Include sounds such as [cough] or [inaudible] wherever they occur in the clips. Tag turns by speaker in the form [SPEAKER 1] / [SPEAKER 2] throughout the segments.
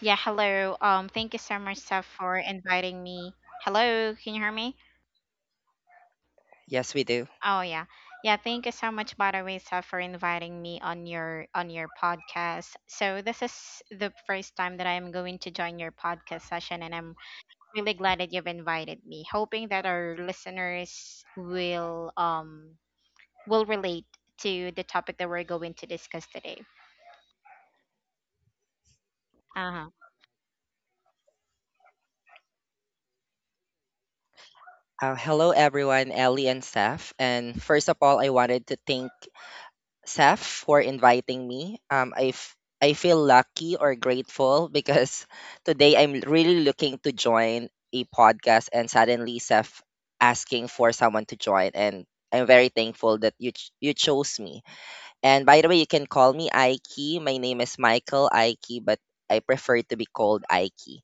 [SPEAKER 1] Yeah, hello. Thank you so much, Seth, for inviting me. Hello, can you hear me?
[SPEAKER 2] Yes, we do.
[SPEAKER 1] Oh yeah. Yeah, thank you so much, by the way, Seth, for inviting me on your podcast. So this is the first time that I am going to join your podcast session, and I'm really glad that you've invited me. Hoping that our listeners will relate to the topic that we're going to discuss today. Uh-huh.
[SPEAKER 2] Hello, everyone, Ellie and Seth. And first of all, I wanted to thank Seth for inviting me. I feel lucky or grateful because [laughs] today I'm really looking to join a podcast, and suddenly Seth asking for someone to join, and I'm very thankful that you chose me. And by the way, you can call me Aiki. My name is Michael Aiki, but I prefer to be called Aiki.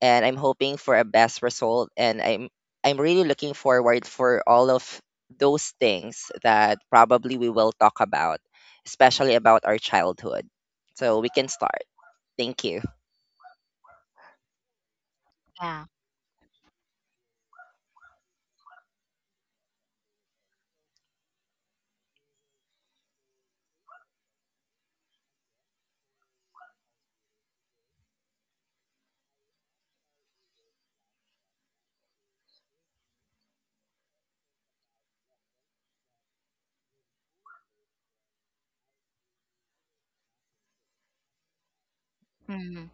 [SPEAKER 2] And I'm hoping for a best result and I'm really looking forward for all of those things that probably we will talk about, especially about our childhood. So we can start. Thank you.
[SPEAKER 1] Yeah. Mm,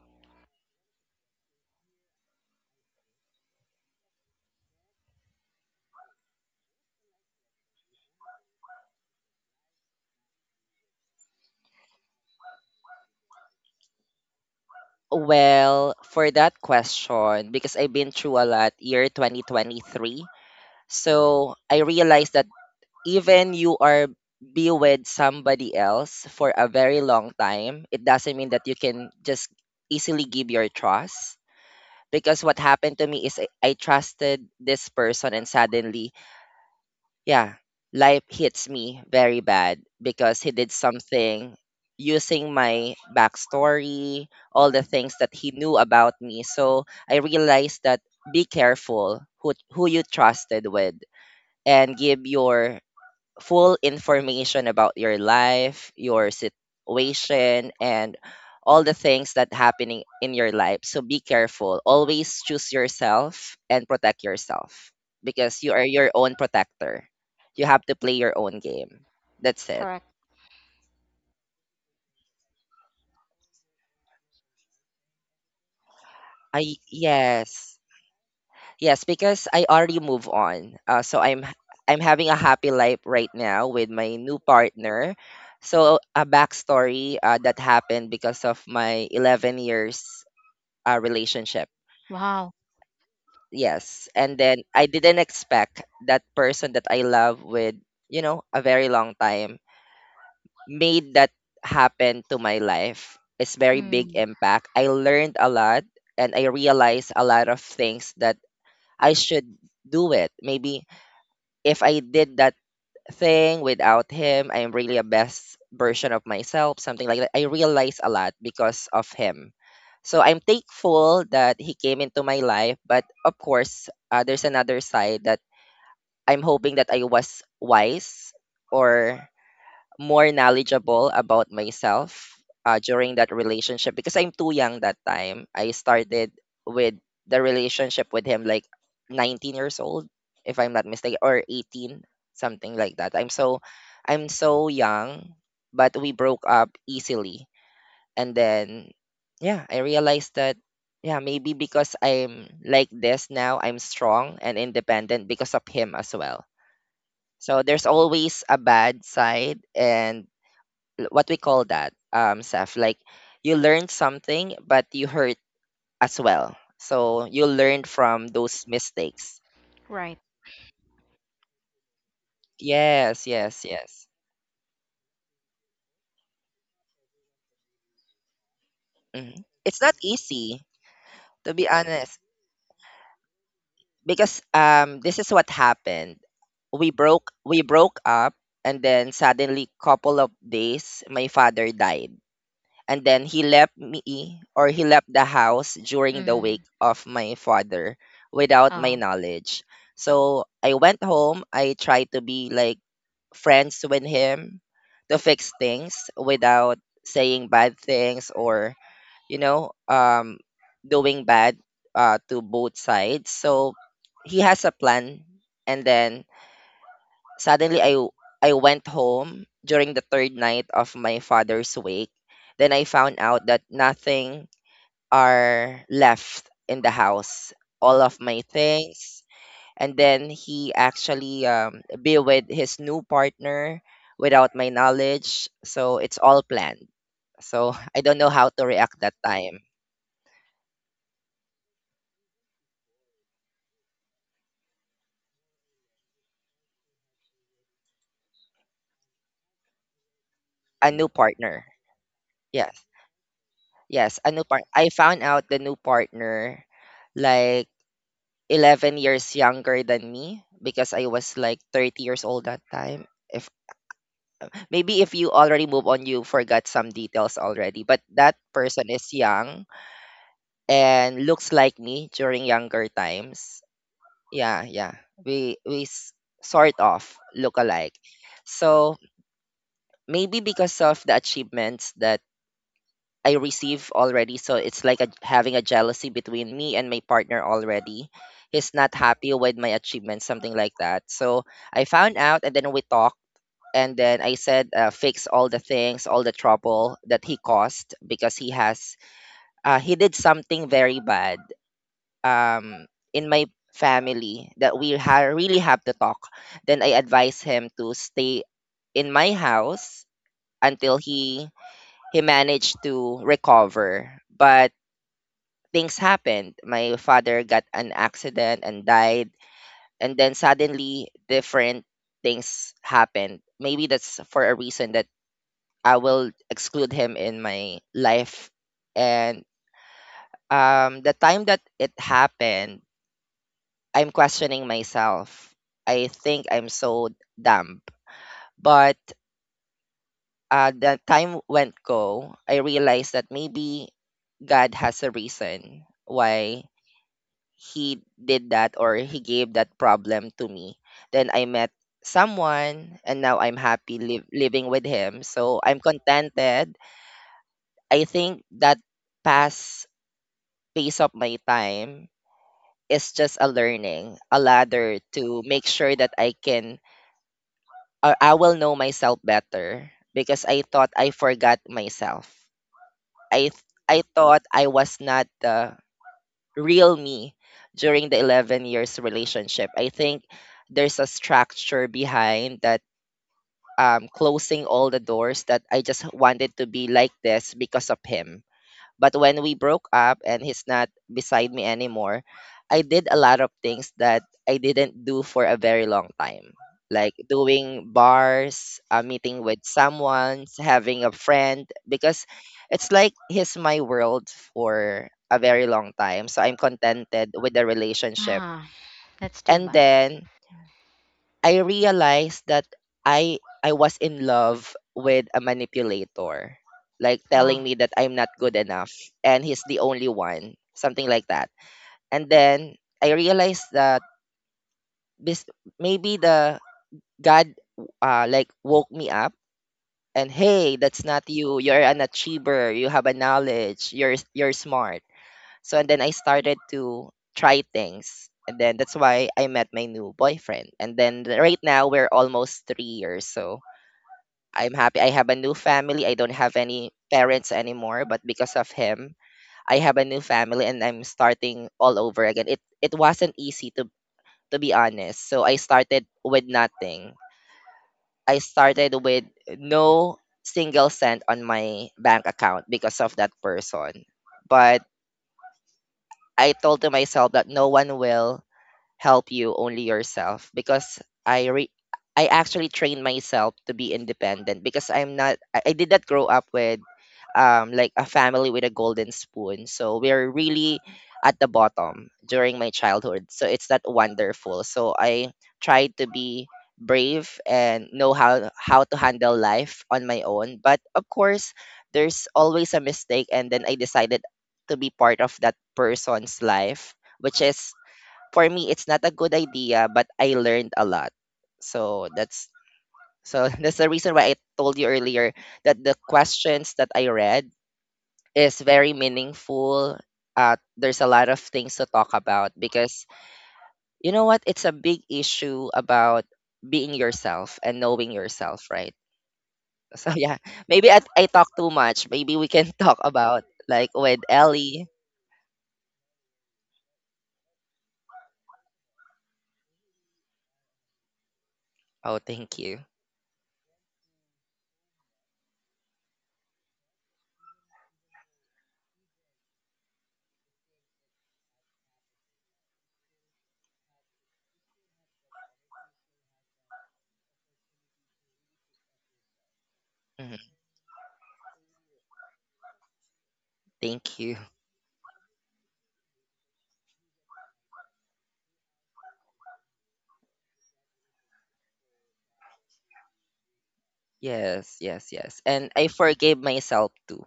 [SPEAKER 2] Well, for that question, because I've been through a lot, year 2023. So I realized that even you are be with somebody else for a very long time, it doesn't mean that you can just easily give your trust. Because what happened to me is I trusted this person, and suddenly, yeah, life hits me very bad because he did something using my backstory, all the things that he knew about me. So I realized that be careful who you trusted with and give your full information about your life, your situation, and all the things that happening in your life. So be careful. Always choose yourself and protect yourself because you are your own protector. You have to play your own game. That's it.
[SPEAKER 1] correct.
[SPEAKER 2] I Yes. Yes, because I already move on. So I'm having a happy life right now with my new partner. So a backstory that happened because of my 11 years relationship.
[SPEAKER 1] Wow.
[SPEAKER 2] Yes. And then I didn't expect that person that I love with, a very long time made that happen to my life. It's very big
[SPEAKER 1] Mm,
[SPEAKER 2] impact. I learned a lot and I realized a lot of things that I should do it. Maybe if I did that thing without him, I'm really a best version of myself, something like that. I realize a lot because of him. So I'm thankful that he came into my life. But of course, there's another side that I'm hoping that I was wise or more knowledgeable about myself during that relationship, because I'm too young that time. I started with the relationship with him like 19 years old, if I'm not mistaken, or 18, something like that. I'm so young, but we broke up easily. And then, yeah, I realized that, yeah, maybe because I'm like this now, I'm strong and independent because of him as well. So there's always a bad side and what we call that, Seth, like you learned something but you hurt as well. So you learned from those mistakes.
[SPEAKER 1] right.
[SPEAKER 2] Yes, yes, yes. hmm it's not easy, to be honest, because this is what happened. We broke up, and then suddenly couple of days my father died, and then he left me or he left the house during the wake
[SPEAKER 1] Mm,
[SPEAKER 2] of my father without my knowledge. So I went home. I tried to be like friends with him to fix things without saying bad things or you know um doing bad, to both sides. So he has a plan, and then suddenly I went home during the third night of my father's wake. Then I found out that nothing are left in the house. All of my things. And then he actually be with his new partner without my knowledge. So it's all planned. So [laughs] I don't know how to react that time. A new partner. Yes. Yes, a new part. I found out the new partner like 11 years younger than me because I was like 30 years old that time. If maybe if you already move on, you forgot some details already. But that person is young and looks like me during younger times. Yeah, yeah. We sort of look alike. So maybe because of the achievements that I receive already. So it's like a, having a jealousy between me and my partner already. He's not happy with my achievements, something like that. So I found out, and then we talked. And then I said, fix all the things, all the trouble that he caused because he did something very bad um, in my family that we really have to talk. Then I advised him to stay in my house until he managed to recover. But things happened. My father got an accident and died, and then suddenly different things happened. Maybe that's for a reason that I will exclude him in my life. And the time that it happened, I'm questioning myself. I think I'm so dumb. But the time went go, I realized that maybe God has a reason why he did that or he gave that problem to me. Then I met someone and now I'm happy living with him. So I'm contented. I think that past phase of my time is just a learning, a ladder to make sure that I can, or I will know myself better because I thought I forgot myself. I thought I was not the real me during the 11 years relationship. I think there's a structure behind that, closing all the doors that I just wanted to be like this because of him. But when we broke up and he's not beside me anymore, I did a lot of things that I didn't do for a very long time, like doing bars, meeting with someone, having a friend, because it's like he's my world for a very long time. So I'm contented with the relationship.
[SPEAKER 1] ah, that's too
[SPEAKER 2] And
[SPEAKER 1] bad.
[SPEAKER 2] then I realized that I was in love with a manipulator, like telling
[SPEAKER 1] Oh,
[SPEAKER 2] me that I'm not good enough and he's the only one, something like that. And then I realized that this maybe the God like woke me up and hey, that's not you. You're an achiever. You have a knowledge. You're smart. So and then I started to try things. And then that's why I met my new boyfriend. And then right now we're almost 3 years. So I'm happy. I have a new family. I don't have any parents anymore, but because of him, I have a new family and I'm starting all over again. It wasn't easy, to be honest. So I started with nothing. I started with no single cent on my bank account because of that person. But I told to myself that no one will help you only yourself, because i re- I actually trained myself to be independent, because I'm not, I did not grow up with like a family with a golden spoon. So we're really at the bottom during my childhood, so it's not wonderful. So I tried to be brave and know how to handle life on my own. But of course there's always a mistake, and then I decided to be part of that person's life, which is for me, it's not a good idea, but I learned a lot. So that's so [laughs] that's the reason why I told you earlier that the questions that I read is very meaningful. There's a lot of things to talk about because you know what? It's a big issue about being yourself and knowing yourself, right? [laughs] So yeah, maybe I talk too much. Maybe we can [laughs] talk about like with Ellie. Oh, thank you. Mhm. Thank you. [laughs] Yes, yes, yes. And I forgave myself too.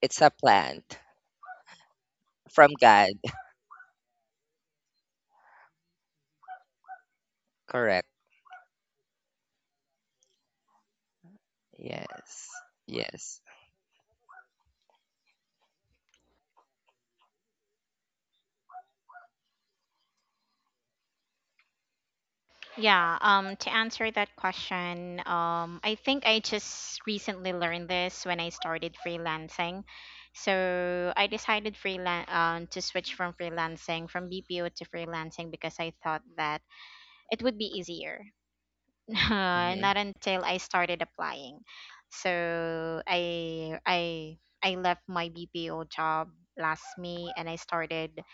[SPEAKER 2] It's a plant from God. Correct. Yes. Yes.
[SPEAKER 1] yeah. To answer that question, I think I just recently learned this when I started freelancing. So I decided freelance to switch from freelancing from BPO to freelancing because I thought that it would be easier. [laughs]
[SPEAKER 2] Hmm.
[SPEAKER 1] Not until I started applying. So I left my BPO job last May and I started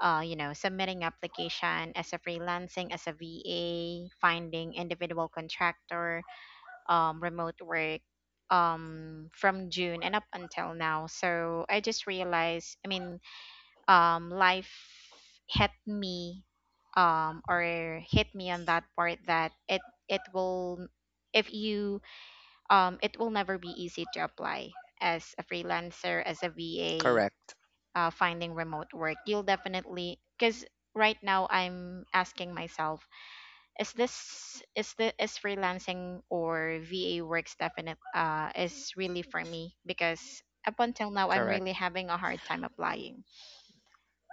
[SPEAKER 1] submitting application as a freelancing, as a VA, finding individual contractor, remote work from June and up until now. So I just realized, I mean, life hit me, or hit me on that part, that it will if you it will never be easy to apply as a freelancer, as a VA,
[SPEAKER 2] Correct.
[SPEAKER 1] finding remote work. You'll definitely, because right now I'm asking myself, is this, is freelancing or VA works definite, is really for me, because up until now I'm
[SPEAKER 2] Correct.
[SPEAKER 1] really having a hard time applying.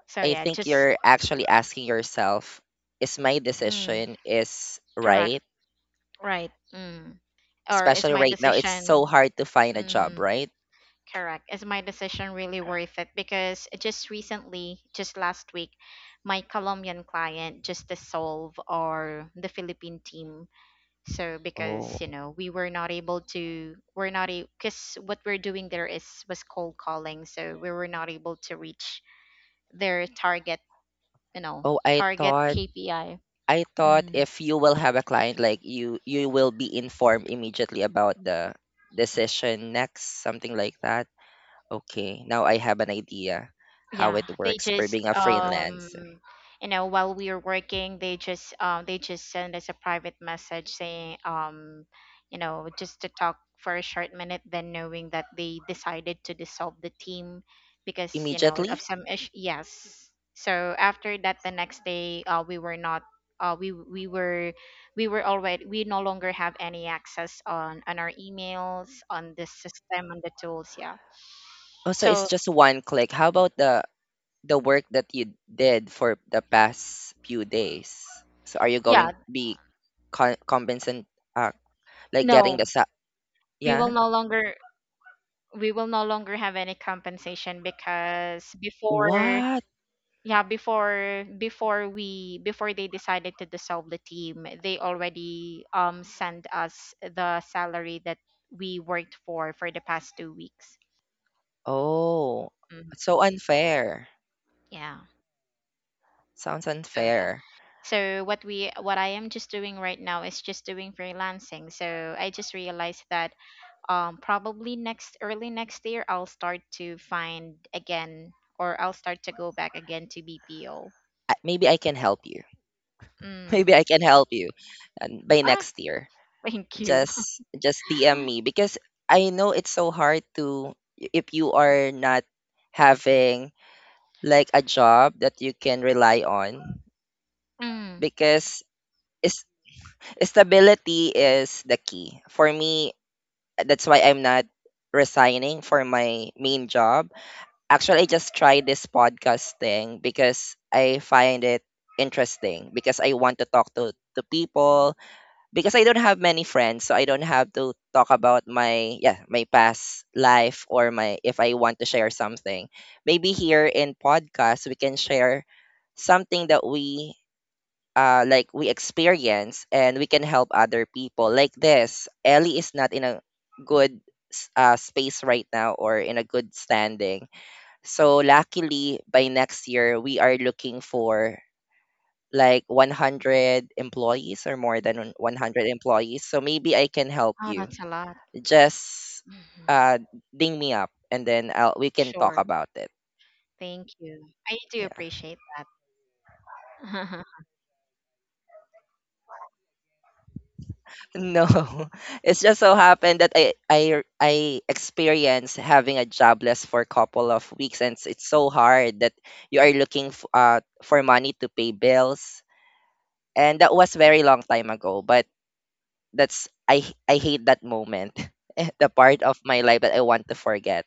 [SPEAKER 1] So
[SPEAKER 2] I
[SPEAKER 1] yeah,
[SPEAKER 2] think
[SPEAKER 1] just
[SPEAKER 2] you're actually asking yourself, is my
[SPEAKER 1] mm,
[SPEAKER 2] decision is
[SPEAKER 1] correct,
[SPEAKER 2] right?
[SPEAKER 1] right, mm, or is
[SPEAKER 2] Especially
[SPEAKER 1] my
[SPEAKER 2] right now, it's so
[SPEAKER 1] decision,
[SPEAKER 2] hard to find a job,
[SPEAKER 1] mm,
[SPEAKER 2] right?
[SPEAKER 1] correct. Is my decision really worth it? Because just recently, just last week, my Colombian client just dissolved our the Philippine team. So because
[SPEAKER 2] Oh.
[SPEAKER 1] we were not able to, we're not, because what we're doing there is was cold calling. So we were not able to reach their target, you know,
[SPEAKER 2] Oh, I
[SPEAKER 1] target
[SPEAKER 2] thought
[SPEAKER 1] KPI.
[SPEAKER 2] I thought if you will have a client, like you will be informed immediately about the decision next, something like that. Okay. Now I have an idea how
[SPEAKER 1] Yeah,
[SPEAKER 2] it
[SPEAKER 1] they
[SPEAKER 2] works for
[SPEAKER 1] just
[SPEAKER 2] being a freelance.
[SPEAKER 1] while we were working, they just they just send us a private message saying just to talk for a short minute, then knowing that they decided to dissolve the team because of
[SPEAKER 2] Immediately?
[SPEAKER 1] some yes. So after that, the next day, we were not, we we were already, we no longer have any access on our emails, on the system, on the tools. Yeah,
[SPEAKER 2] Oh, so it's
[SPEAKER 1] so
[SPEAKER 2] just one click. How about the work that you did for the past few days? So are you
[SPEAKER 1] yeah,
[SPEAKER 2] going to be con compensant, uh like getting
[SPEAKER 1] no,
[SPEAKER 2] the sa
[SPEAKER 1] we will
[SPEAKER 2] yeah?
[SPEAKER 1] no longer, have any compensation. Because before,
[SPEAKER 2] What?
[SPEAKER 1] yeah, before they decided to dissolve the team, they already sent us the salary that we worked for the past 2 weeks.
[SPEAKER 2] Oh,
[SPEAKER 1] Mhm.
[SPEAKER 2] so unfair.
[SPEAKER 1] Yeah,
[SPEAKER 2] Sounds
[SPEAKER 1] so yeah,
[SPEAKER 2] unfair.
[SPEAKER 1] so what we what I am just doing right now is just doing freelancing. So I just realized that probably next early next year I'll start to find again, or I'll start to go back again to BPO.
[SPEAKER 2] Maybe I can help you. [laughs] Maybe
[SPEAKER 1] Mm.
[SPEAKER 2] I can help you by
[SPEAKER 1] Ah,
[SPEAKER 2] next year.
[SPEAKER 1] thank you. [laughs]
[SPEAKER 2] Just DM me, because I know it's so hard to if you are not having like a job that you can rely on,
[SPEAKER 1] Mm.
[SPEAKER 2] because is stability is the key. For me, that's why I'm not resigning for my main job. Actually, I just tried this podcast thing because I find it interesting, because I want to talk to people because I don't have many friends, so I don't have to talk about my past life or my if I want to share something. Maybe here in podcast we can share something that we experience and we can help other people like this. Ellie is not in a good space right now or in a good standing. So luckily by next year we are looking for like 100 employees or more than 100 employees. So maybe I can help
[SPEAKER 1] Oh,
[SPEAKER 2] you.
[SPEAKER 1] that's a lot.
[SPEAKER 2] Just
[SPEAKER 1] Mhm.
[SPEAKER 2] uh, ding me up and then we can talk
[SPEAKER 1] Sure.
[SPEAKER 2] about it.
[SPEAKER 1] Thank you. I do
[SPEAKER 2] Yeah.
[SPEAKER 1] appreciate that. [laughs]
[SPEAKER 2] No, [laughs] it's just so happened that I experienced having a jobless for a couple of weeks, and it's so hard that you are looking for money to pay bills, and that was very long time ago. But that's I hate that moment, [laughs] the part of my life that I want to forget.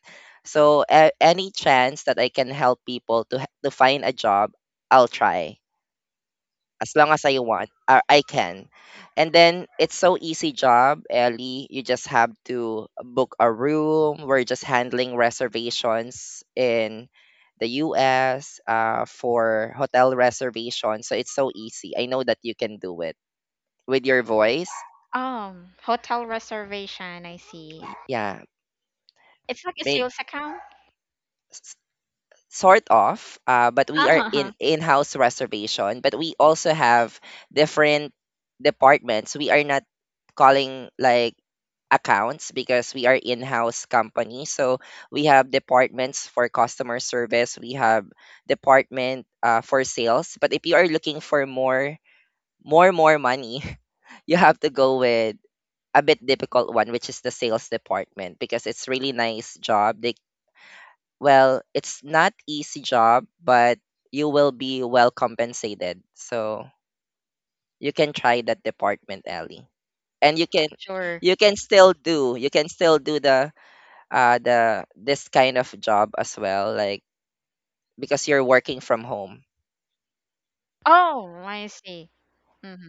[SPEAKER 2] So a any chance that I can help people to to find a job, I'll try as long as I want or I can. And then it's so easy job, Ellie. You just have to book a room. We're just handling reservations in the US for hotel reservations. So it's so easy. I know that you can do it with your voice.
[SPEAKER 1] Hotel reservation, I see.
[SPEAKER 2] Yeah,
[SPEAKER 1] It's like a
[SPEAKER 2] may
[SPEAKER 1] sales account.
[SPEAKER 2] s- sort of but we are in
[SPEAKER 1] Uh-huh.
[SPEAKER 2] in-house reservation, but we also have different departments. We are not calling like accounts because we are in-house company, so we have departments for customer service. We have department for sales. But if you are looking for more money, [laughs] you have to go with a bit difficult one, which is the sales department, because it's really nice job. They, well, it's not easy job, but you will be well compensated. So you can try that department, Ellie. And
[SPEAKER 1] Sure.
[SPEAKER 2] you can still do, the this kind of job as well, like because you're working from home.
[SPEAKER 1] Oh, I see. Hmm.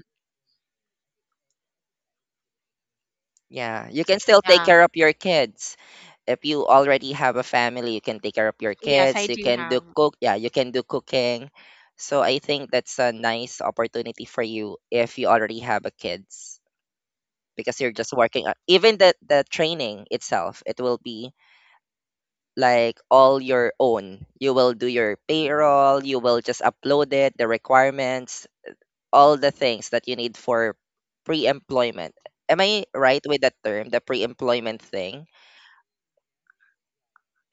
[SPEAKER 2] Yeah, you can still take
[SPEAKER 1] Yeah.
[SPEAKER 2] care of your kids. If you already have a family, you can take care of your
[SPEAKER 1] Yes, I
[SPEAKER 2] kids. You
[SPEAKER 1] do
[SPEAKER 2] can do
[SPEAKER 1] have.
[SPEAKER 2] cook. Yeah, you can do cooking. So I think that's a nice opportunity for you if you already have a kids. Because you're just working on, even the training itself, it will be like all your own. You will do your payroll. You will just upload it, the requirements, all the things that you need for pre-employment. Am I right with that term, the pre-employment thing?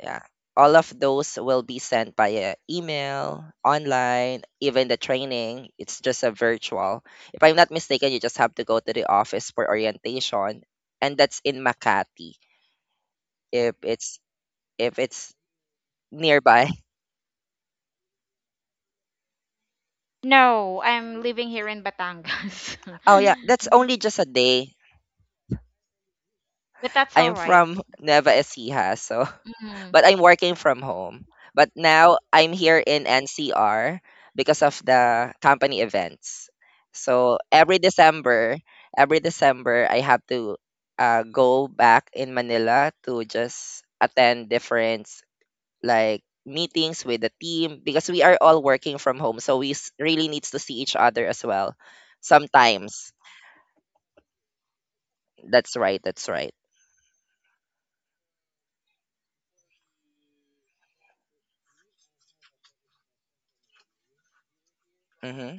[SPEAKER 2] Yeah, all of those will be sent via email online. Even the training, it's just a virtual, if I'm not mistaken. You just have to go to the office for orientation, and that's in Makati. If it's, if it's nearby.
[SPEAKER 1] No, I'm living here in Batangas.
[SPEAKER 2] Oh yeah, that's
[SPEAKER 1] [laughs]
[SPEAKER 2] only just a day.
[SPEAKER 1] But that's
[SPEAKER 2] I'm
[SPEAKER 1] all right.
[SPEAKER 2] from Nueva Ecija, so [laughs]
[SPEAKER 1] Mm.
[SPEAKER 2] but I'm working from home. But now I'm here in NCR because of the company events. So every December I have to go back in Manila to just attend different like meetings with the team, because we are all working from home, so we really needs to see each other as well sometimes. That's right. That's right. Mm-hmm.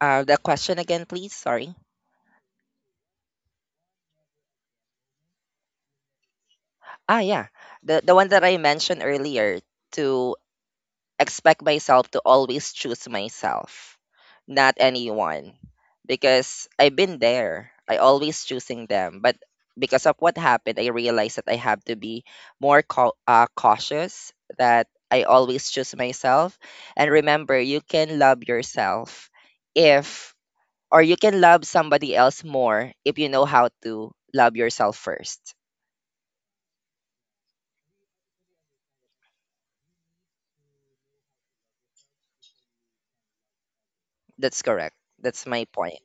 [SPEAKER 2] The question again, please. Sorry. Ah, yeah. The one that I mentioned earlier, to expect myself to always choose myself, not anyone, because I've been there. I always choosing them, but because of what happened, I realized that I have to be more cautious. That I always choose myself, and remember, you can love yourself, if or you can love somebody else more if you know how to love yourself first. That's correct. That's my point.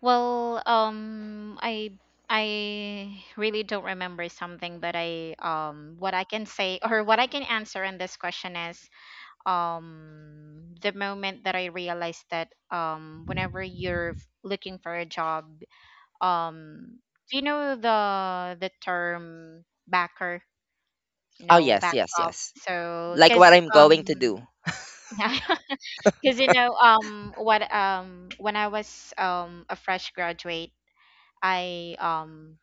[SPEAKER 1] Well, I really don't remember something, but I what I can say [laughs] or what I can answer in this question is the moment that I realized that whenever you're looking for a job, um do you know the term backer,
[SPEAKER 2] Oh, yes, yes,
[SPEAKER 1] backup.
[SPEAKER 2] yes.
[SPEAKER 1] So,
[SPEAKER 2] Like what
[SPEAKER 1] because
[SPEAKER 2] I'm going to do.
[SPEAKER 1] [laughs] yeah, because you know what when I was a fresh graduate, I um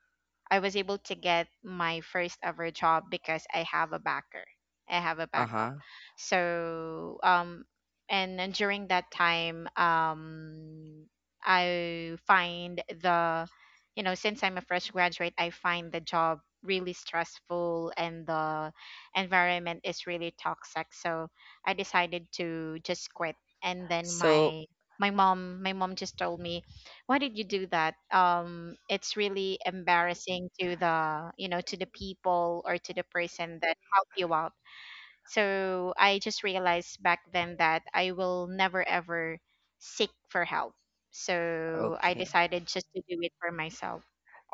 [SPEAKER 1] I was able to get my first ever job because I have a backer. I have a
[SPEAKER 2] Uh
[SPEAKER 1] backup.
[SPEAKER 2] huh.
[SPEAKER 1] So and then during that time, I find the you know since I'm a fresh graduate, I find the job really stressful and the environment is really toxic. So I decided to just quit, and then
[SPEAKER 2] So,
[SPEAKER 1] my mom just told me, why did you do that? It's really embarrassing to the people, or to the person that helped you out. So I just realized back then that I will never ever seek for help, so I
[SPEAKER 2] okay.
[SPEAKER 1] decided just to do it for myself,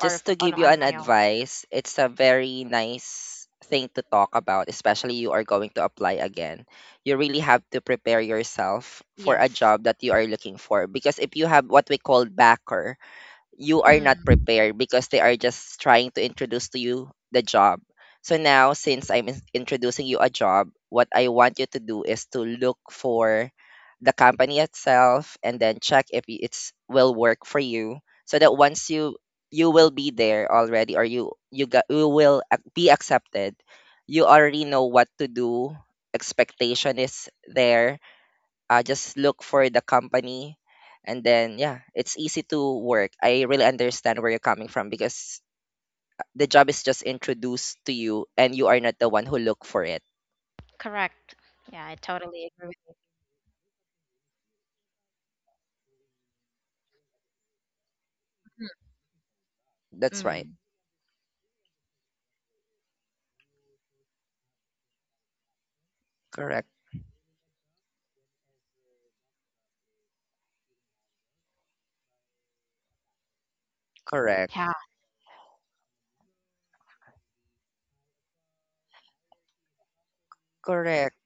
[SPEAKER 1] or f
[SPEAKER 2] to
[SPEAKER 1] on,
[SPEAKER 2] give you
[SPEAKER 1] on
[SPEAKER 2] an
[SPEAKER 1] my own.
[SPEAKER 2] advice, it's a very nice thing to talk about, especially you are going to apply again. You really have to prepare yourself for a
[SPEAKER 1] Yes.
[SPEAKER 2] job that you are looking for, because if you have what we call backer, you are not
[SPEAKER 1] Mm,
[SPEAKER 2] prepared because they are just trying to introduce to you the job. So now, since I'm introducing you a job, what I want you to do is to look for the company itself, and then check if it's will work for you. So that once you will be there already, or you got, you will be accepted. You already know what to do. Expectation is there. Just look for the company, and then yeah, it's easy to work. I really understand where you're coming from because the job is just introduced to you, and you are not the one who look for it.
[SPEAKER 1] correct. Yeah, I totally agree with you. Mm.
[SPEAKER 2] That's right.
[SPEAKER 1] Mm.
[SPEAKER 2] Correct. Correct.
[SPEAKER 1] Yeah,
[SPEAKER 2] Correct.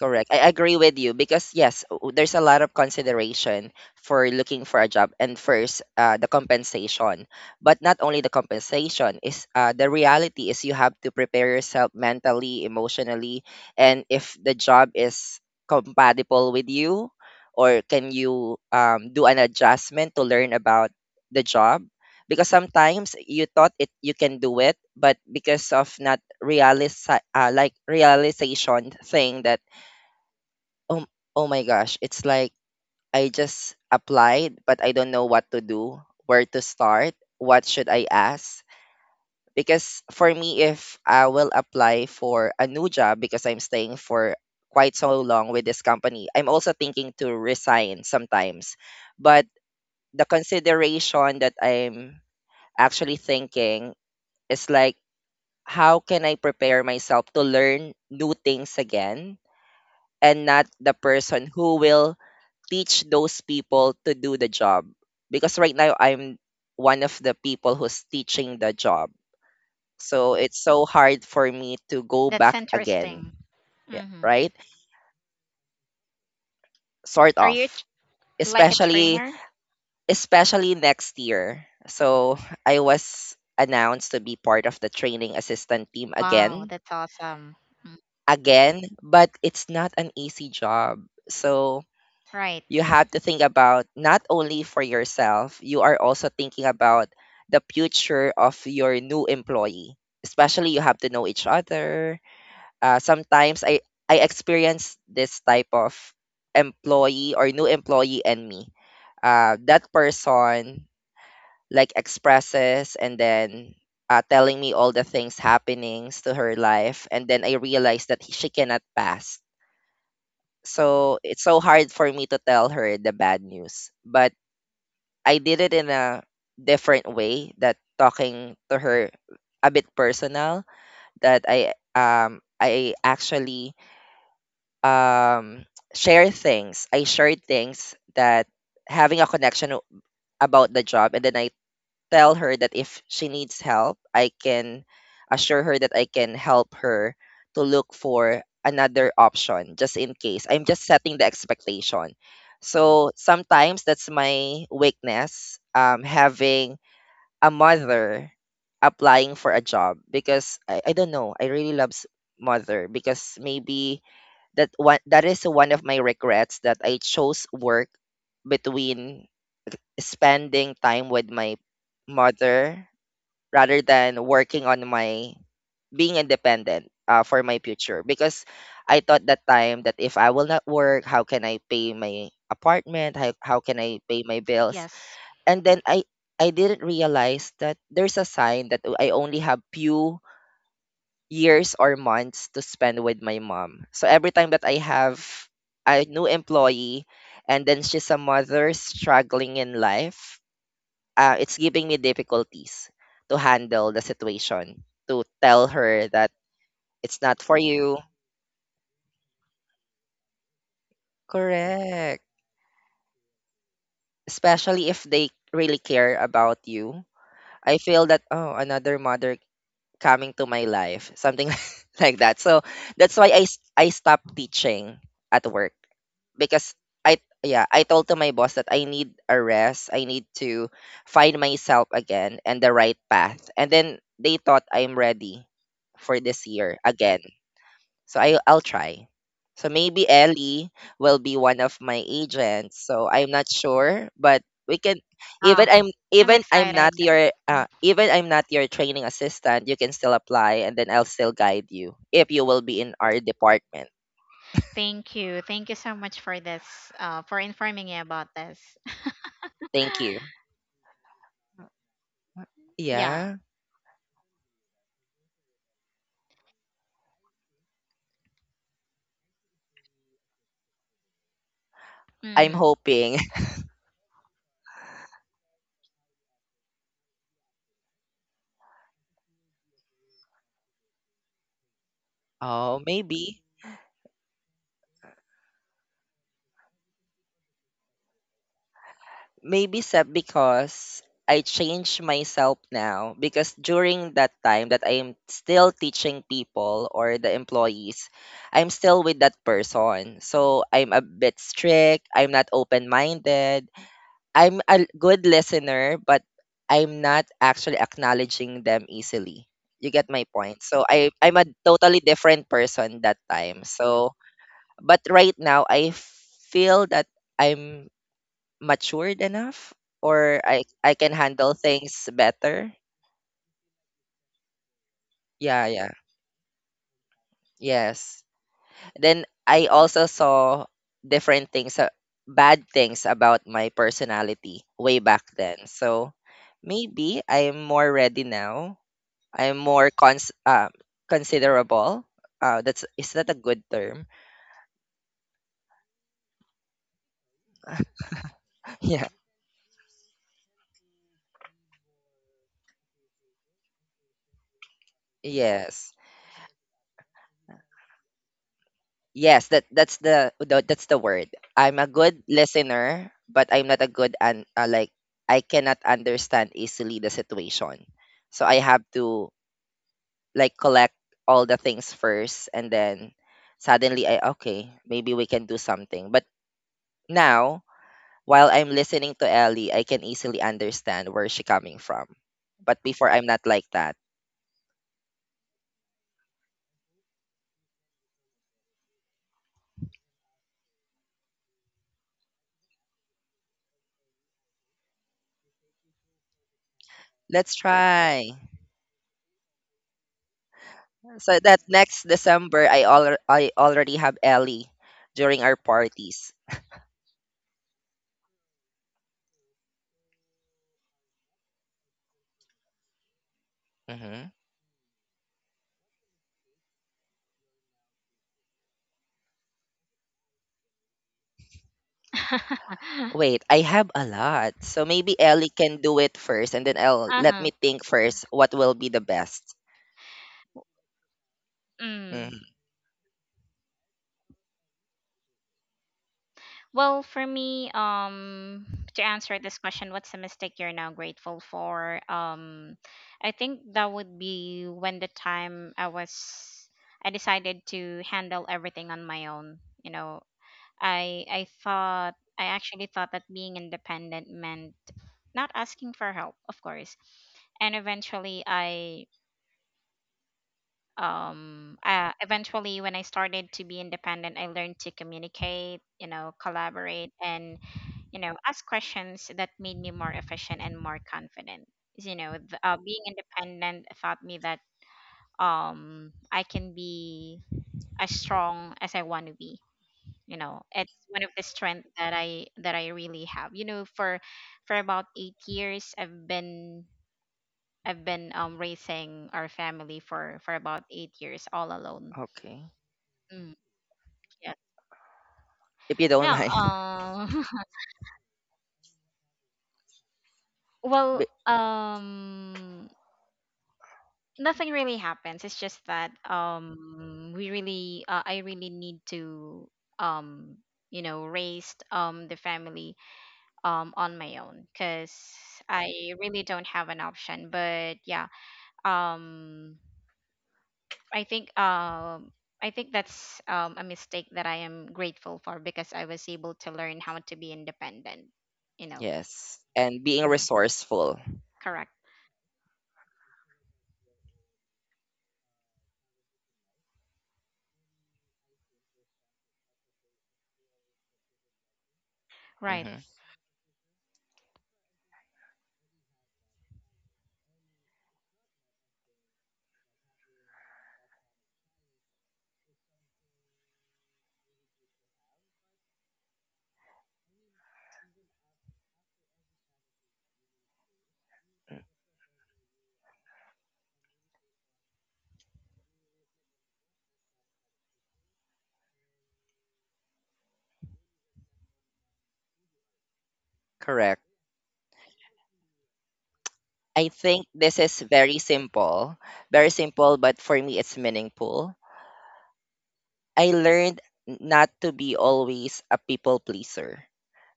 [SPEAKER 2] Correct. I agree with you, because yes, there's a lot of consideration for looking for a job, and first the compensation. But not only the compensation is the reality is you have to prepare yourself mentally, emotionally, and if the job is compatible with you, or can you do an adjustment to learn about the job, because sometimes you thought it you can do it, but because of not realis like realization thing that um, oh my gosh, it's like I just applied, but I don't know what to do, where to start, what should I ask? Because for me, if I will apply for a new job, because I'm staying for quite so long with this company, I'm also thinking to resign sometimes. But the consideration that I'm actually thinking is like, how can I prepare myself to learn new things again, and not the person who will teach those people to do the job, because right now I'm one of the people who's teaching the job. So it's so hard for me to go
[SPEAKER 1] that's
[SPEAKER 2] back again.
[SPEAKER 1] interesting.
[SPEAKER 2] Yeah,
[SPEAKER 1] Hmm.
[SPEAKER 2] right? Sort
[SPEAKER 1] Are you
[SPEAKER 2] of.
[SPEAKER 1] like a
[SPEAKER 2] Especially
[SPEAKER 1] trainer?
[SPEAKER 2] especially next year. So I was announced to be part of the training assistant team
[SPEAKER 1] Wow,
[SPEAKER 2] again.
[SPEAKER 1] that's awesome.
[SPEAKER 2] Again, but it's not an easy job. So
[SPEAKER 1] Right.
[SPEAKER 2] you have to think about not only for yourself, you are also thinking about the future of your new employee. Especially you have to know each other. Sometimes I experience this type of employee or new employee and me. That person like expresses, and then telling me all the things happenings to her life, and then I realize that she cannot pass. So it's so hard for me to tell her the bad news. But I did it in a different way, that talking to her a bit personal, that I actually um share things. I share things that having a connection about the job, and then I tell her that if she needs help, I can assure her that I can help her to look for another option, just in case. I'm just setting the expectation. So sometimes that's my weakness. Um, having a mother applying for a job, because I don't know, I really love mother, because maybe that one that is one of my regrets, that I chose work between spending time with my mother rather than working on my being independent for my future, because I thought that time that if I will not work, how can I pay my apartment, how can I pay my bills,
[SPEAKER 1] Yes.
[SPEAKER 2] and then I didn't realize that there's a sign that I only have few years or months to spend with my mom. So every time that I have a new employee, and then she's a mother struggling in life, it's giving me difficulties to handle the situation, to tell her that it's not for you. Correct. Especially if they really care about you. I feel that, oh, another mother coming to my life, something [laughs] like that. So that's why I stopped teaching at work, because I told to my boss that I need a rest. I need to find myself again and the right path. And then they thought I'm ready for this year again. So I'll try. So maybe Ellie will be one of my agents. So I'm not sure, but we can,
[SPEAKER 1] Wow.
[SPEAKER 2] even I'm,
[SPEAKER 1] I'm
[SPEAKER 2] even I'm not
[SPEAKER 1] excited.
[SPEAKER 2] your even I'm not your training assistant, you can still apply, and then I'll still guide you if you will be in our department.
[SPEAKER 1] Thank you. Thank you so much for this, for informing me about this. [laughs]
[SPEAKER 2] Thank you.
[SPEAKER 1] Yeah.
[SPEAKER 2] Yeah. I'm
[SPEAKER 1] Mm-hmm.
[SPEAKER 2] hoping. [laughs] Oh, maybe. Maybe Seb, because I change myself now, because during that time that I am still teaching people or the employees, I'm still with that person. So I'm a bit strict, I'm not open-minded. I'm a good listener, but I'm not actually acknowledging them easily. You get my point. So I'm a totally different person that time. So but right now I feel that I'm matured enough, or I can handle things better. Yeah, yeah. Yes. Then I also saw different things, bad things about my personality way back then. So maybe I'm more ready now. I'm more considerable. That's, is that a good term? [laughs] Yeah. Yes. Yes, that that's the that's the word. I'm a good listener, but I'm not a good and like I cannot understand easily the situation. So I have to like collect all the things first and then suddenly I okay, maybe we can do something. But now, while I'm listening to Ellie, I can easily understand where she coming from. But before I'm not like that. Let's okay, try. So that next December, I already have Ellie during our parties. Mm-hmm.
[SPEAKER 1] [laughs]
[SPEAKER 2] Wait, I have a lot. So maybe Ellie can do it first, and then I'll let
[SPEAKER 1] Uh-huh.
[SPEAKER 2] me think first what will be the best.
[SPEAKER 1] Mm.
[SPEAKER 2] mm
[SPEAKER 1] Well, for me, to answer this question, what's the mistake you're now grateful for? I think that would be when the time I decided to handle everything on my own. You know, I actually thought that being independent meant not asking for help, of course. And eventually when I started to be independent, I learned to communicate, collaborate, and, ask questions that made me more efficient and more confident. You know, being independent taught me that I can be as strong as I want to be. It's one of the strength that I really have, for about 8 years I've been, raising our family for about 8 years all alone.
[SPEAKER 2] Okay.
[SPEAKER 1] Mm. Yes.
[SPEAKER 2] If you don't [laughs]
[SPEAKER 1] Yeah.
[SPEAKER 2] mind.
[SPEAKER 1] [laughs] Well,
[SPEAKER 2] B-
[SPEAKER 1] nothing really happens. It's just that we really I really need to um raise the family on my own, because I really don't have an option. But yeah, um i think um I think that's a mistake that I am grateful for, because I was able to learn how to be independent you know
[SPEAKER 2] Yes. And being
[SPEAKER 1] mm,
[SPEAKER 2] resourceful.
[SPEAKER 1] correct. Right.
[SPEAKER 2] Mm-hmm. Correct. I think this is very simple, but for me, it's meaningful. I learned not to be always a people pleaser.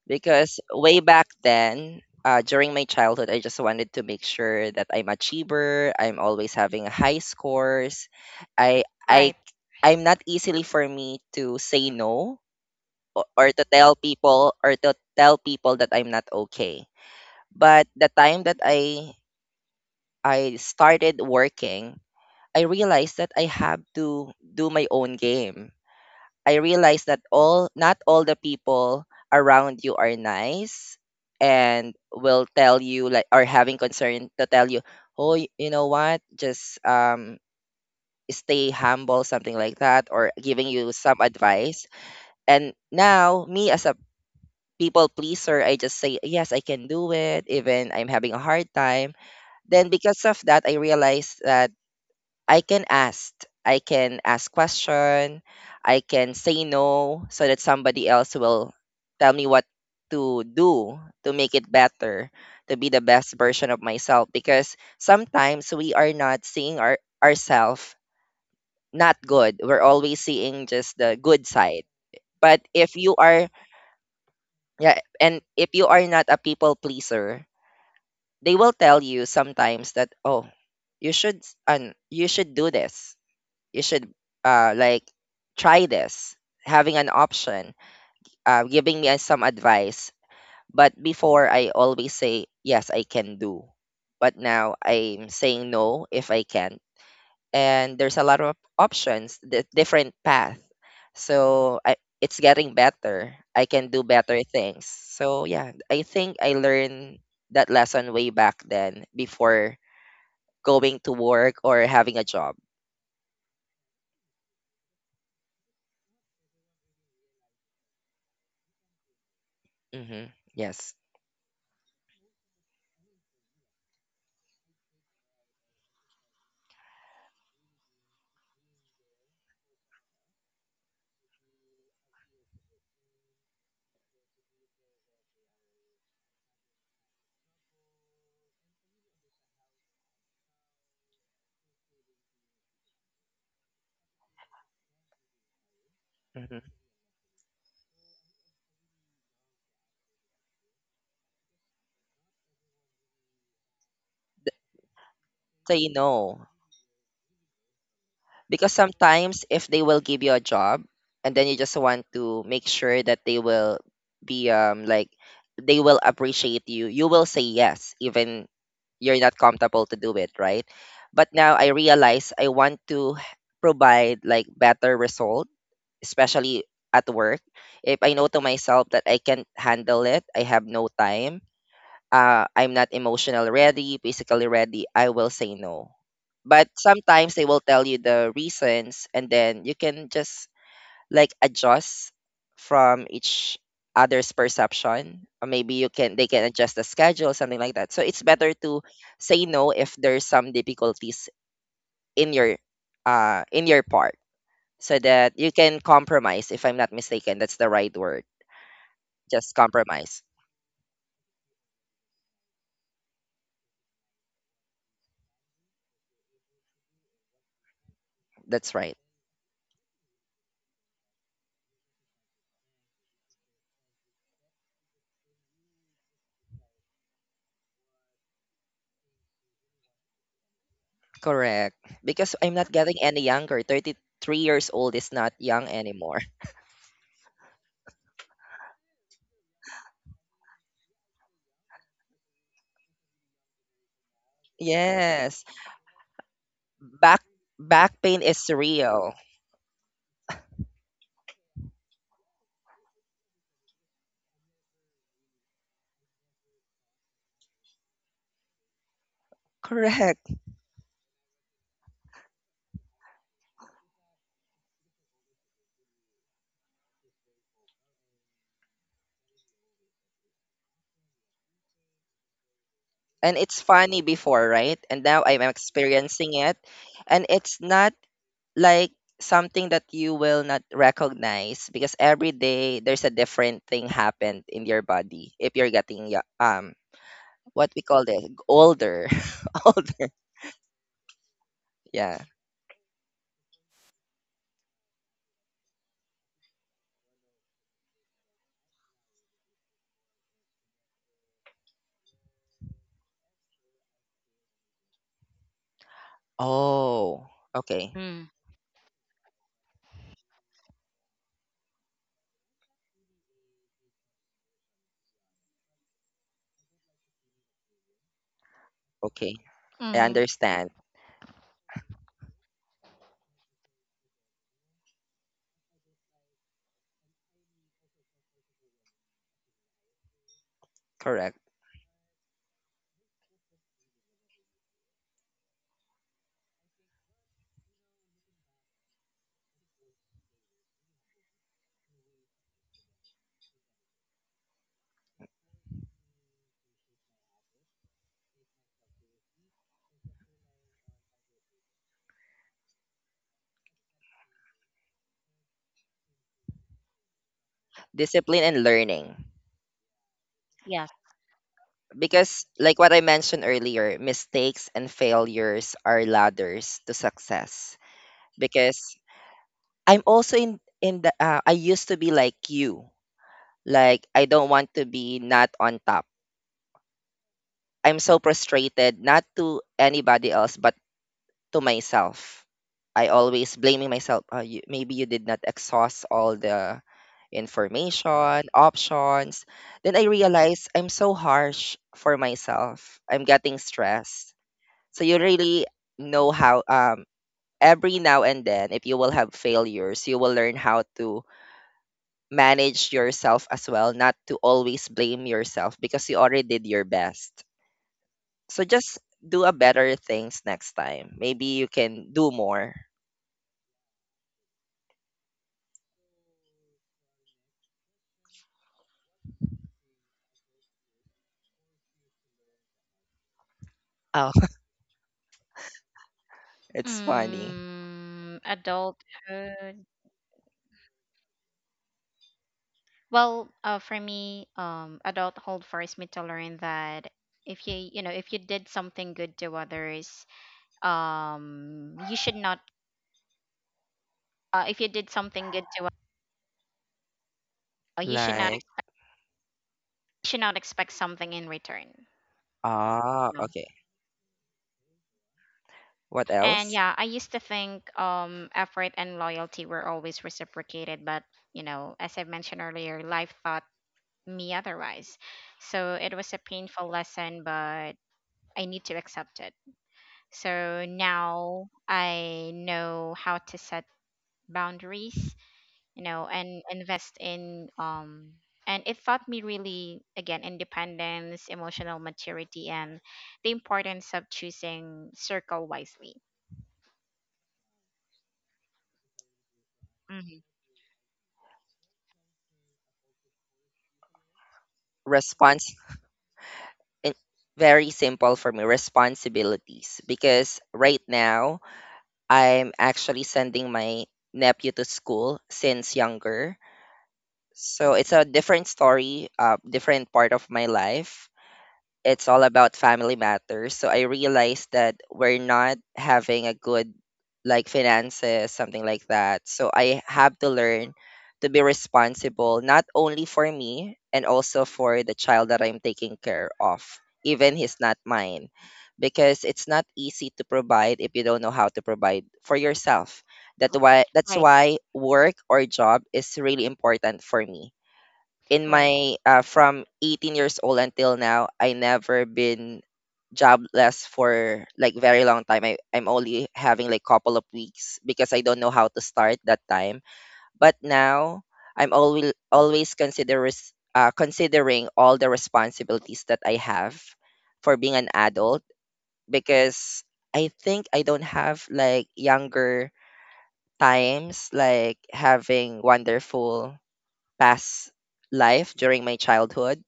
[SPEAKER 2] Because way back then, during my childhood, I just wanted to make sure that I'm achiever. I'm always having high scores. I
[SPEAKER 1] Right.
[SPEAKER 2] I I'm not easily for me to say no or, or to tell people or to tell people that I'm not okay. But the time that I started working, I realized that I have to do my own game. I realized that all not all the people around you are nice and will tell you like are having concern to tell you, oh, you know what, just stay humble, something like that, or giving you some advice. And now me as a people pleaser, I just say yes, I can do it, even I'm having a hard time. Then because of that, I realized that I can ask. I can ask question. I can say no so that somebody else will tell me what to do to make it better, to be the best version of myself. Because sometimes we are not seeing our ourselves not good. We're always seeing just the good side. But if you are yeah, and if you are not a people pleaser, they will tell you sometimes that oh, you should and you should do this you should like try this having an option giving me some advice but before I always say yes I can do but now I'm saying no if I can and there's a lot of options the different path so I, it's getting better I can do better things so yeah I think I learned that lesson way back then before going to work or having a job. Hmm. Yes. Hmm. Say no because sometimes if they will give you a job and then you just want to make sure that they will be like they will appreciate you you will say yes even you're not comfortable to do it right but now I realize I want to provide like better result especially at work if I know to myself that I can't handle it I have no time I'm not emotional ready, physically ready, I will say no. But sometimes they will tell you the reasons, and then you can just like adjust from each other's perception, or maybe you can they can adjust the schedule, something like that. So it's better to say no if there's some difficulties in your in your part, so that you can compromise. If I'm not mistaken, that's the right word. Just compromise. That's right. Correct. Because I'm not getting any younger. 33 years old is not young anymore. [laughs] Yes. Back back pain is real. Correct. And it's funny before, right? And now I'm experiencing it. And it's not like something that you will not recognize because every day there's a different thing happened in your body if you're getting what we call this older. [laughs] Older. Yeah. Oh, okay.
[SPEAKER 1] Mm.
[SPEAKER 2] Okay. I
[SPEAKER 1] Mm-hmm.
[SPEAKER 2] understand. Correct. Discipline and learning.
[SPEAKER 1] Yes.
[SPEAKER 2] Because, like what I mentioned earlier, mistakes and failures are ladders to success. Because I'm also in the I used to be like you. Like, I don't want to be not on top. I'm so frustrated, not to anybody else, but to myself. I always blaming myself. You, maybe you did not exhaust all the information, options. Then I realize I'm so harsh for myself. I'm getting stressed. So you really know how every now and then if you will have failures, you will learn how to manage yourself as well, not to always blame yourself because you already did your best. So just do a better things next time. Maybe you can do more. It's funny.
[SPEAKER 1] Mm. Adulthood. Well, for me, adulthood forced me to learn that, if you did something good to others, you should not, if you did something good to others, you should not
[SPEAKER 2] Like,
[SPEAKER 1] should not expect something in return.
[SPEAKER 2] ah,
[SPEAKER 1] No.
[SPEAKER 2] okay. What
[SPEAKER 1] And
[SPEAKER 2] else?
[SPEAKER 1] yeah, I used to think effort and loyalty were always reciprocated, but, as I mentioned earlier, life taught me otherwise. So it was a painful lesson, but I need to accept it. So now I know how to set boundaries, and invest in. And it taught me really, again, independence, emotional maturity, and the importance of choosing circle wisely. Hmm.
[SPEAKER 2] Response. in- Very simple for me. Responsibilities. Because right now, I'm actually sending my nephew to school since younger. So it's a different story, different part of my life. It's all about family matters. So I realized that we're not having a good like finances, something like that. So I have to learn to be responsible, not only for me and also for the child that I'm taking care of, even he's not mine. Because it's not easy to provide if you don't know how to provide for yourself. That why that's
[SPEAKER 1] Right.
[SPEAKER 2] why work or job is really important for me in
[SPEAKER 1] Right.
[SPEAKER 2] my from 18 years old until now, I never been jobless for like very long time. I'm only having like couple of weeks because I don't know how to start that time. But now I'm always consider considering all the responsibilities that I have for being an adult because I think I don't have like younger times like having wonderful past life during my childhood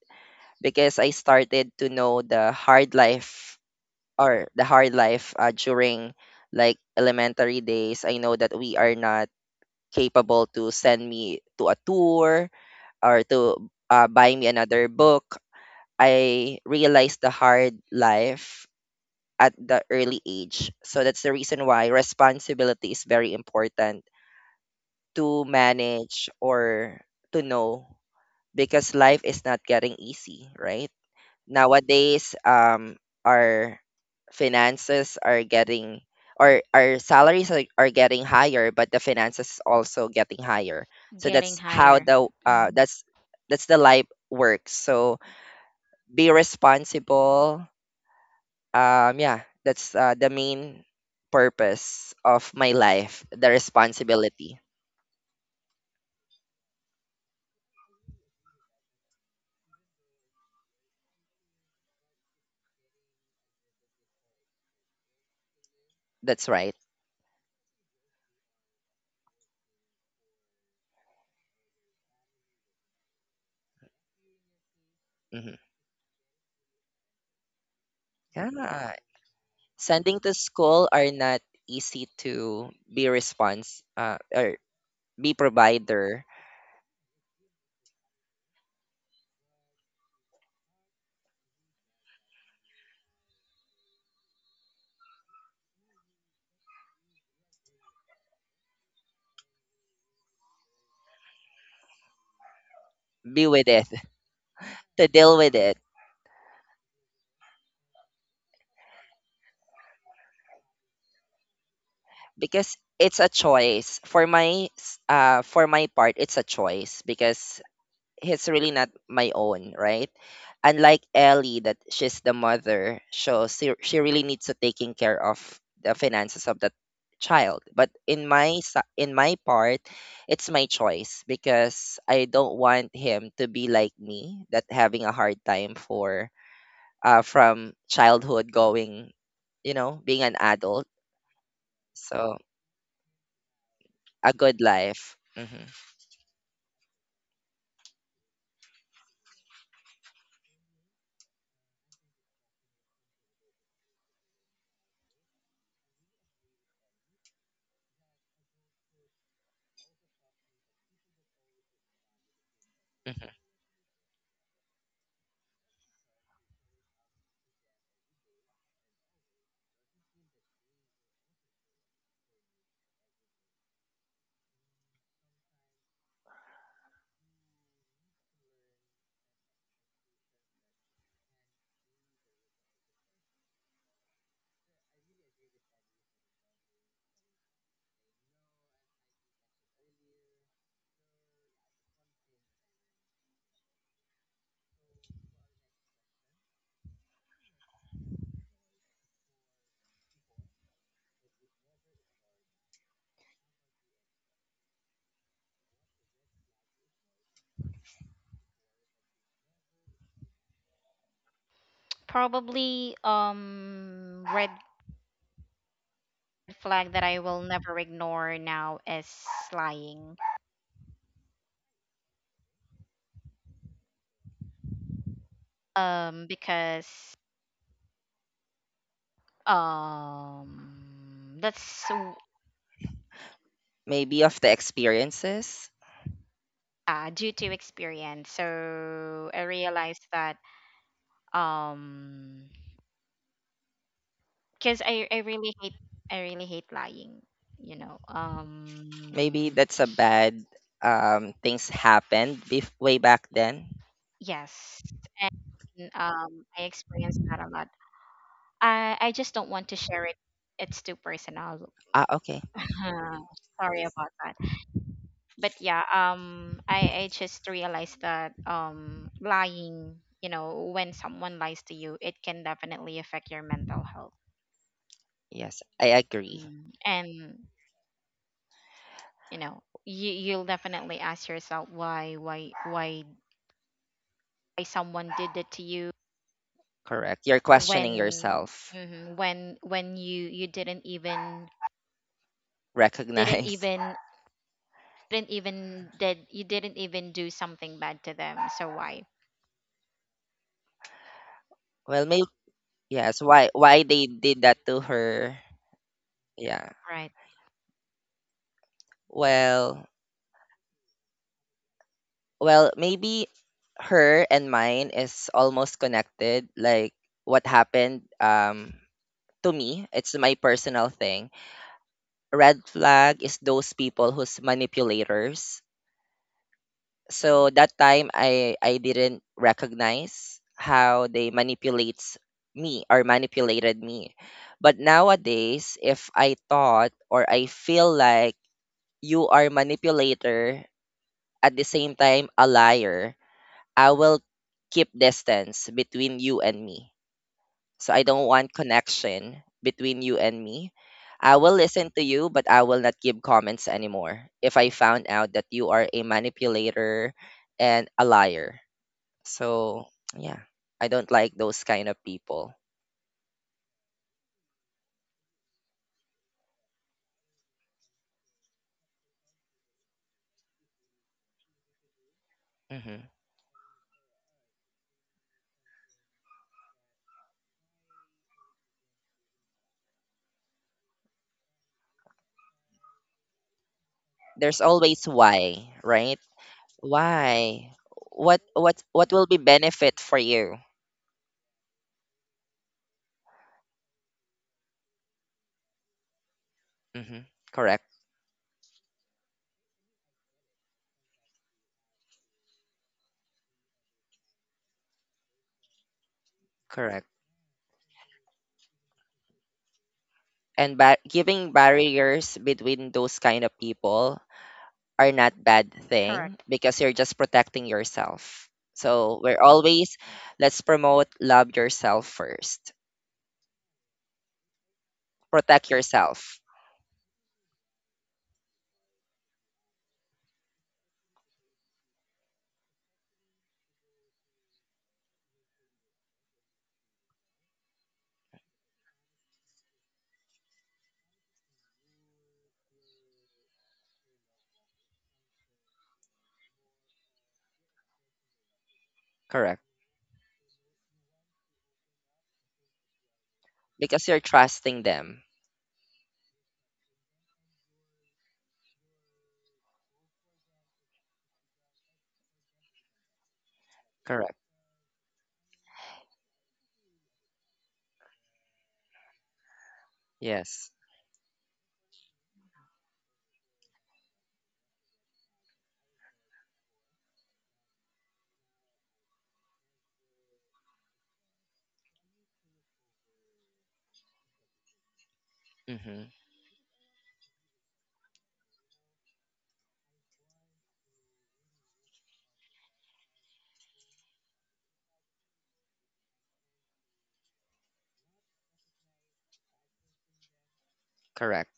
[SPEAKER 2] because I started to know the hard life or the hard life during like elementary days. I know that we are not capable to send me to a tour or to buy me another book. I realized the hard life at the early age. So that's the reason why responsibility is very important to manage or to know because life is not getting easy, right? Nowadays our finances are getting or our salaries are getting higher but the finances also getting higher so
[SPEAKER 1] Getting
[SPEAKER 2] that's how
[SPEAKER 1] higher.
[SPEAKER 2] the
[SPEAKER 1] Hmm.
[SPEAKER 2] that's the life works so be responsible yeah that's the main purpose of my life the responsibility that's right. Hmm. Yeah, sending to school are not easy to be response or be provider, be with it, [laughs] to deal with it because it's a choice. For my for my part, it's a choice because it's really not my own, right? Unlike Ellie that she's the mother, so she really needs to taking care of the finances of that child. But in my in my part, it's my choice because I don't want him to be like me that having a hard time for from childhood going, you know, being an adult. So a good life. Hmm. Hmm.
[SPEAKER 1] Probably red flag that I will never ignore now is lying. Because that's
[SPEAKER 2] Maybe of the experiences.
[SPEAKER 1] due to experience. So I realized that um because I really hate, lying, you know
[SPEAKER 2] Maybe
[SPEAKER 1] um
[SPEAKER 2] that's a bad things happened way back then.
[SPEAKER 1] yes. I experience that a lot. I just don't want to share it. It's too personal. [laughs]
[SPEAKER 2] Ah, okay.
[SPEAKER 1] Uh, Sorry about that, but yeah, I just realized that lying, when someone lies to you, it can definitely affect your mental health.
[SPEAKER 2] Yes, I agree.
[SPEAKER 1] Mm. And you'll definitely ask yourself why, why someone did it to you,
[SPEAKER 2] Correct. You're questioning
[SPEAKER 1] when,
[SPEAKER 2] yourself.
[SPEAKER 1] mhm, when you didn't
[SPEAKER 2] Recognize. [laughs]
[SPEAKER 1] even didn't even do something bad to them, so why.
[SPEAKER 2] Well, maybe yes. Why? Why they did that to her? Yeah.
[SPEAKER 1] Right.
[SPEAKER 2] Well, well, maybe her and mine is almost connected. Like what happened to me, it's my personal thing. Red flag is those people who's manipulators. So that time I didn't recognize how they manipulates me or manipulated me. But nowadays, if I thought or I feel like you are manipulator at the same time a liar, I will keep distance between you and me. So I don't want connection between you and me. I will listen to you, but I will not give comments anymore if I found out that you are a manipulator and a liar. So, yeah, I don't like those kind of people. Hmm. There's always why, right? Why? What will be benefit for you? Hmm. Correct. Correct. And giving barriers between those kind of people are not bad thing
[SPEAKER 1] Correct.
[SPEAKER 2] because you're just protecting yourself so we're always let's promote love yourself first protect yourself correct because you're trusting them correct yes. Mm-hmm. Correct.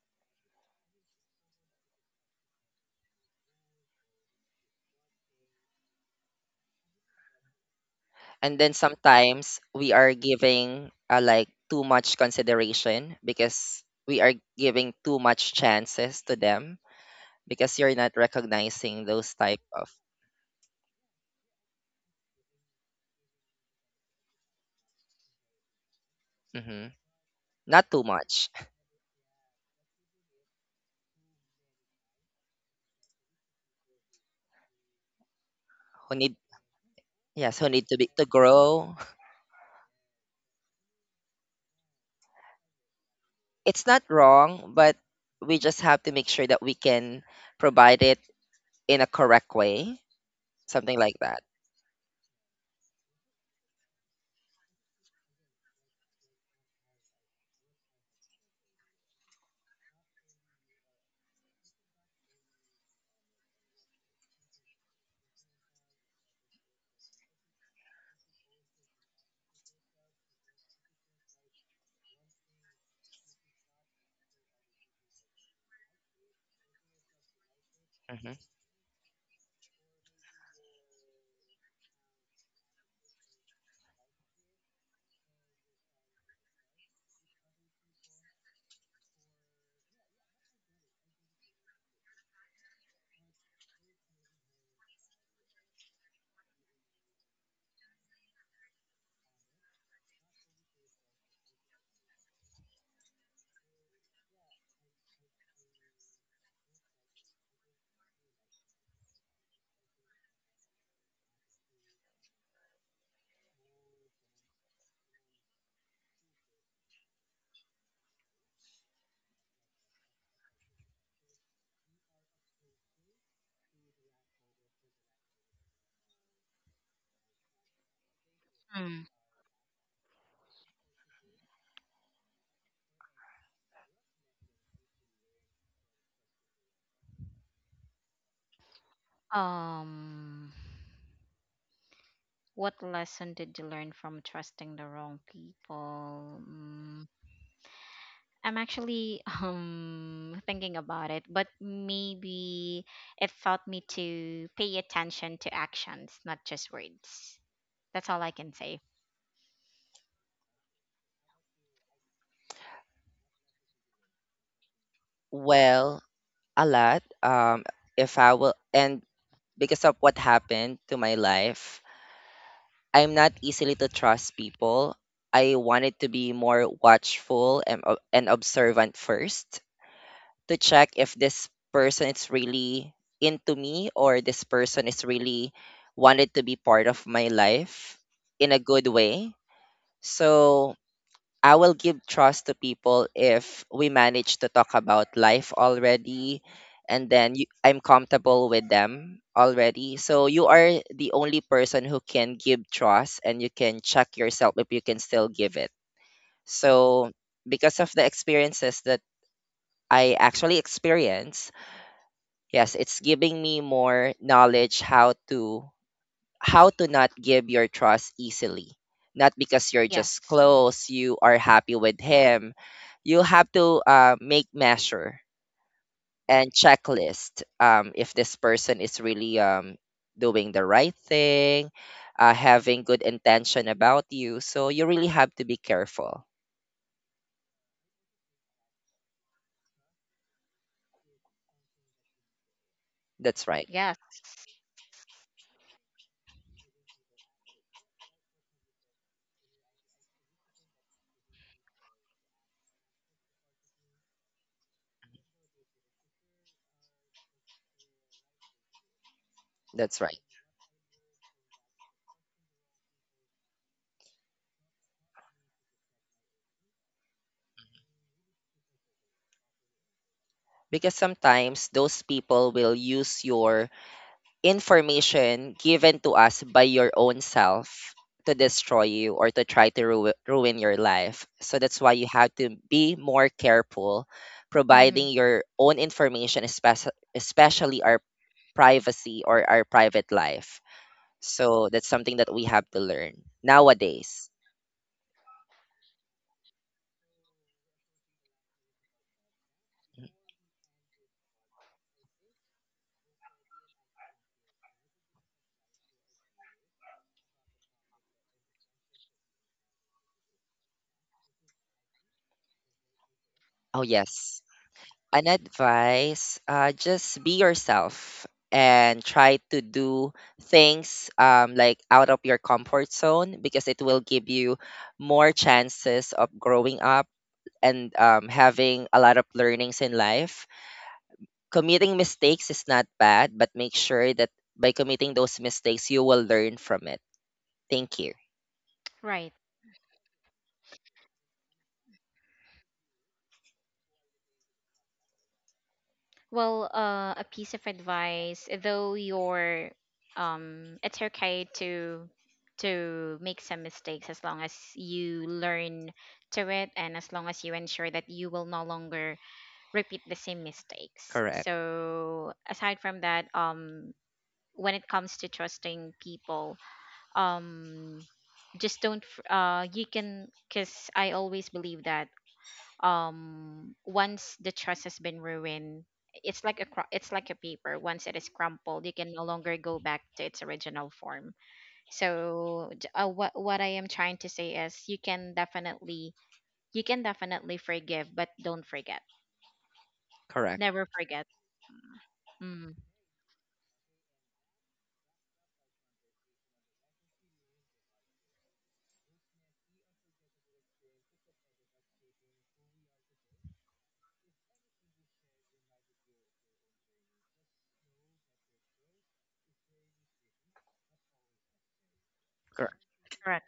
[SPEAKER 2] And then sometimes we are giving like too much consideration because we are giving too much chances to them because you're not recognizing those type of Mhm. not too much who need yes who need to be to grow it's not wrong but we just have to make sure that we can provide it in a correct way something like that. Hmm.
[SPEAKER 1] Mm. um what lesson did you learn from trusting the wrong people? Mm. I'm actually [laughs] thinking about it, but maybe it taught me to pay attention to actions, not just words. That's all I can say.
[SPEAKER 2] Well a lot if I will and because of what happened to my life I'm not easily to trust people I wanted to be more watchful and, and observant first to check if this person is really into me or this person is really wanted to be part of my life in a good way. So I will give trust to people if we manage to talk about life already and then you, I'm comfortable with them already. So you are the only person who can give trust and you can check yourself if you can still give it. So because of the experiences that I actually experienced, yes, it's giving me more knowledge how to not give your trust easily. Not because you're just
[SPEAKER 1] Yes.
[SPEAKER 2] close, you are happy with him. You have to make measure and checklist if this person is really doing the right thing, having good intention about you. So you really have to be careful. That's right.
[SPEAKER 1] Yes.
[SPEAKER 2] That's right. Because sometimes those people will use your information given to us by your own self to destroy you or to try to ruin your life. So that's why you have to be more careful providing
[SPEAKER 1] Mm-hmm.
[SPEAKER 2] your own information, especially especially our privacy or our private life. So that's something that we have to learn nowadays. Oh yes. An advice, just be yourself and try to do things like out of your comfort zone because it will give you more chances of growing up and having a lot of learnings in life. Committing mistakes is not bad, but make sure that by committing those mistakes, you will learn from it. Thank you.
[SPEAKER 1] Right. Well, a piece of advice, though you're, it's okay to make some mistakes as long as you learn to it, and as long as you ensure that you will no longer repeat the same mistakes.
[SPEAKER 2] Correct.
[SPEAKER 1] So aside from that, when it comes to trusting people, um, just don't, you can. Because I always believe that once the trust has been ruined, it's like a it's like a paper. Once it is crumpled, you can no longer go back to its original form. So what I am trying to say is you can definitely, forgive, but don't forget.
[SPEAKER 2] Correct.
[SPEAKER 1] Never forget. Mm,
[SPEAKER 2] Correct.
[SPEAKER 1] correct.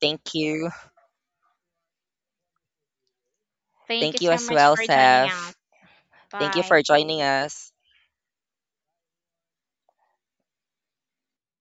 [SPEAKER 2] Thank you.
[SPEAKER 1] Thank you
[SPEAKER 2] Thank you
[SPEAKER 1] so
[SPEAKER 2] as
[SPEAKER 1] much
[SPEAKER 2] well,
[SPEAKER 1] for joining us.
[SPEAKER 2] Seth. Thank you
[SPEAKER 1] Bye.
[SPEAKER 2] for joining us.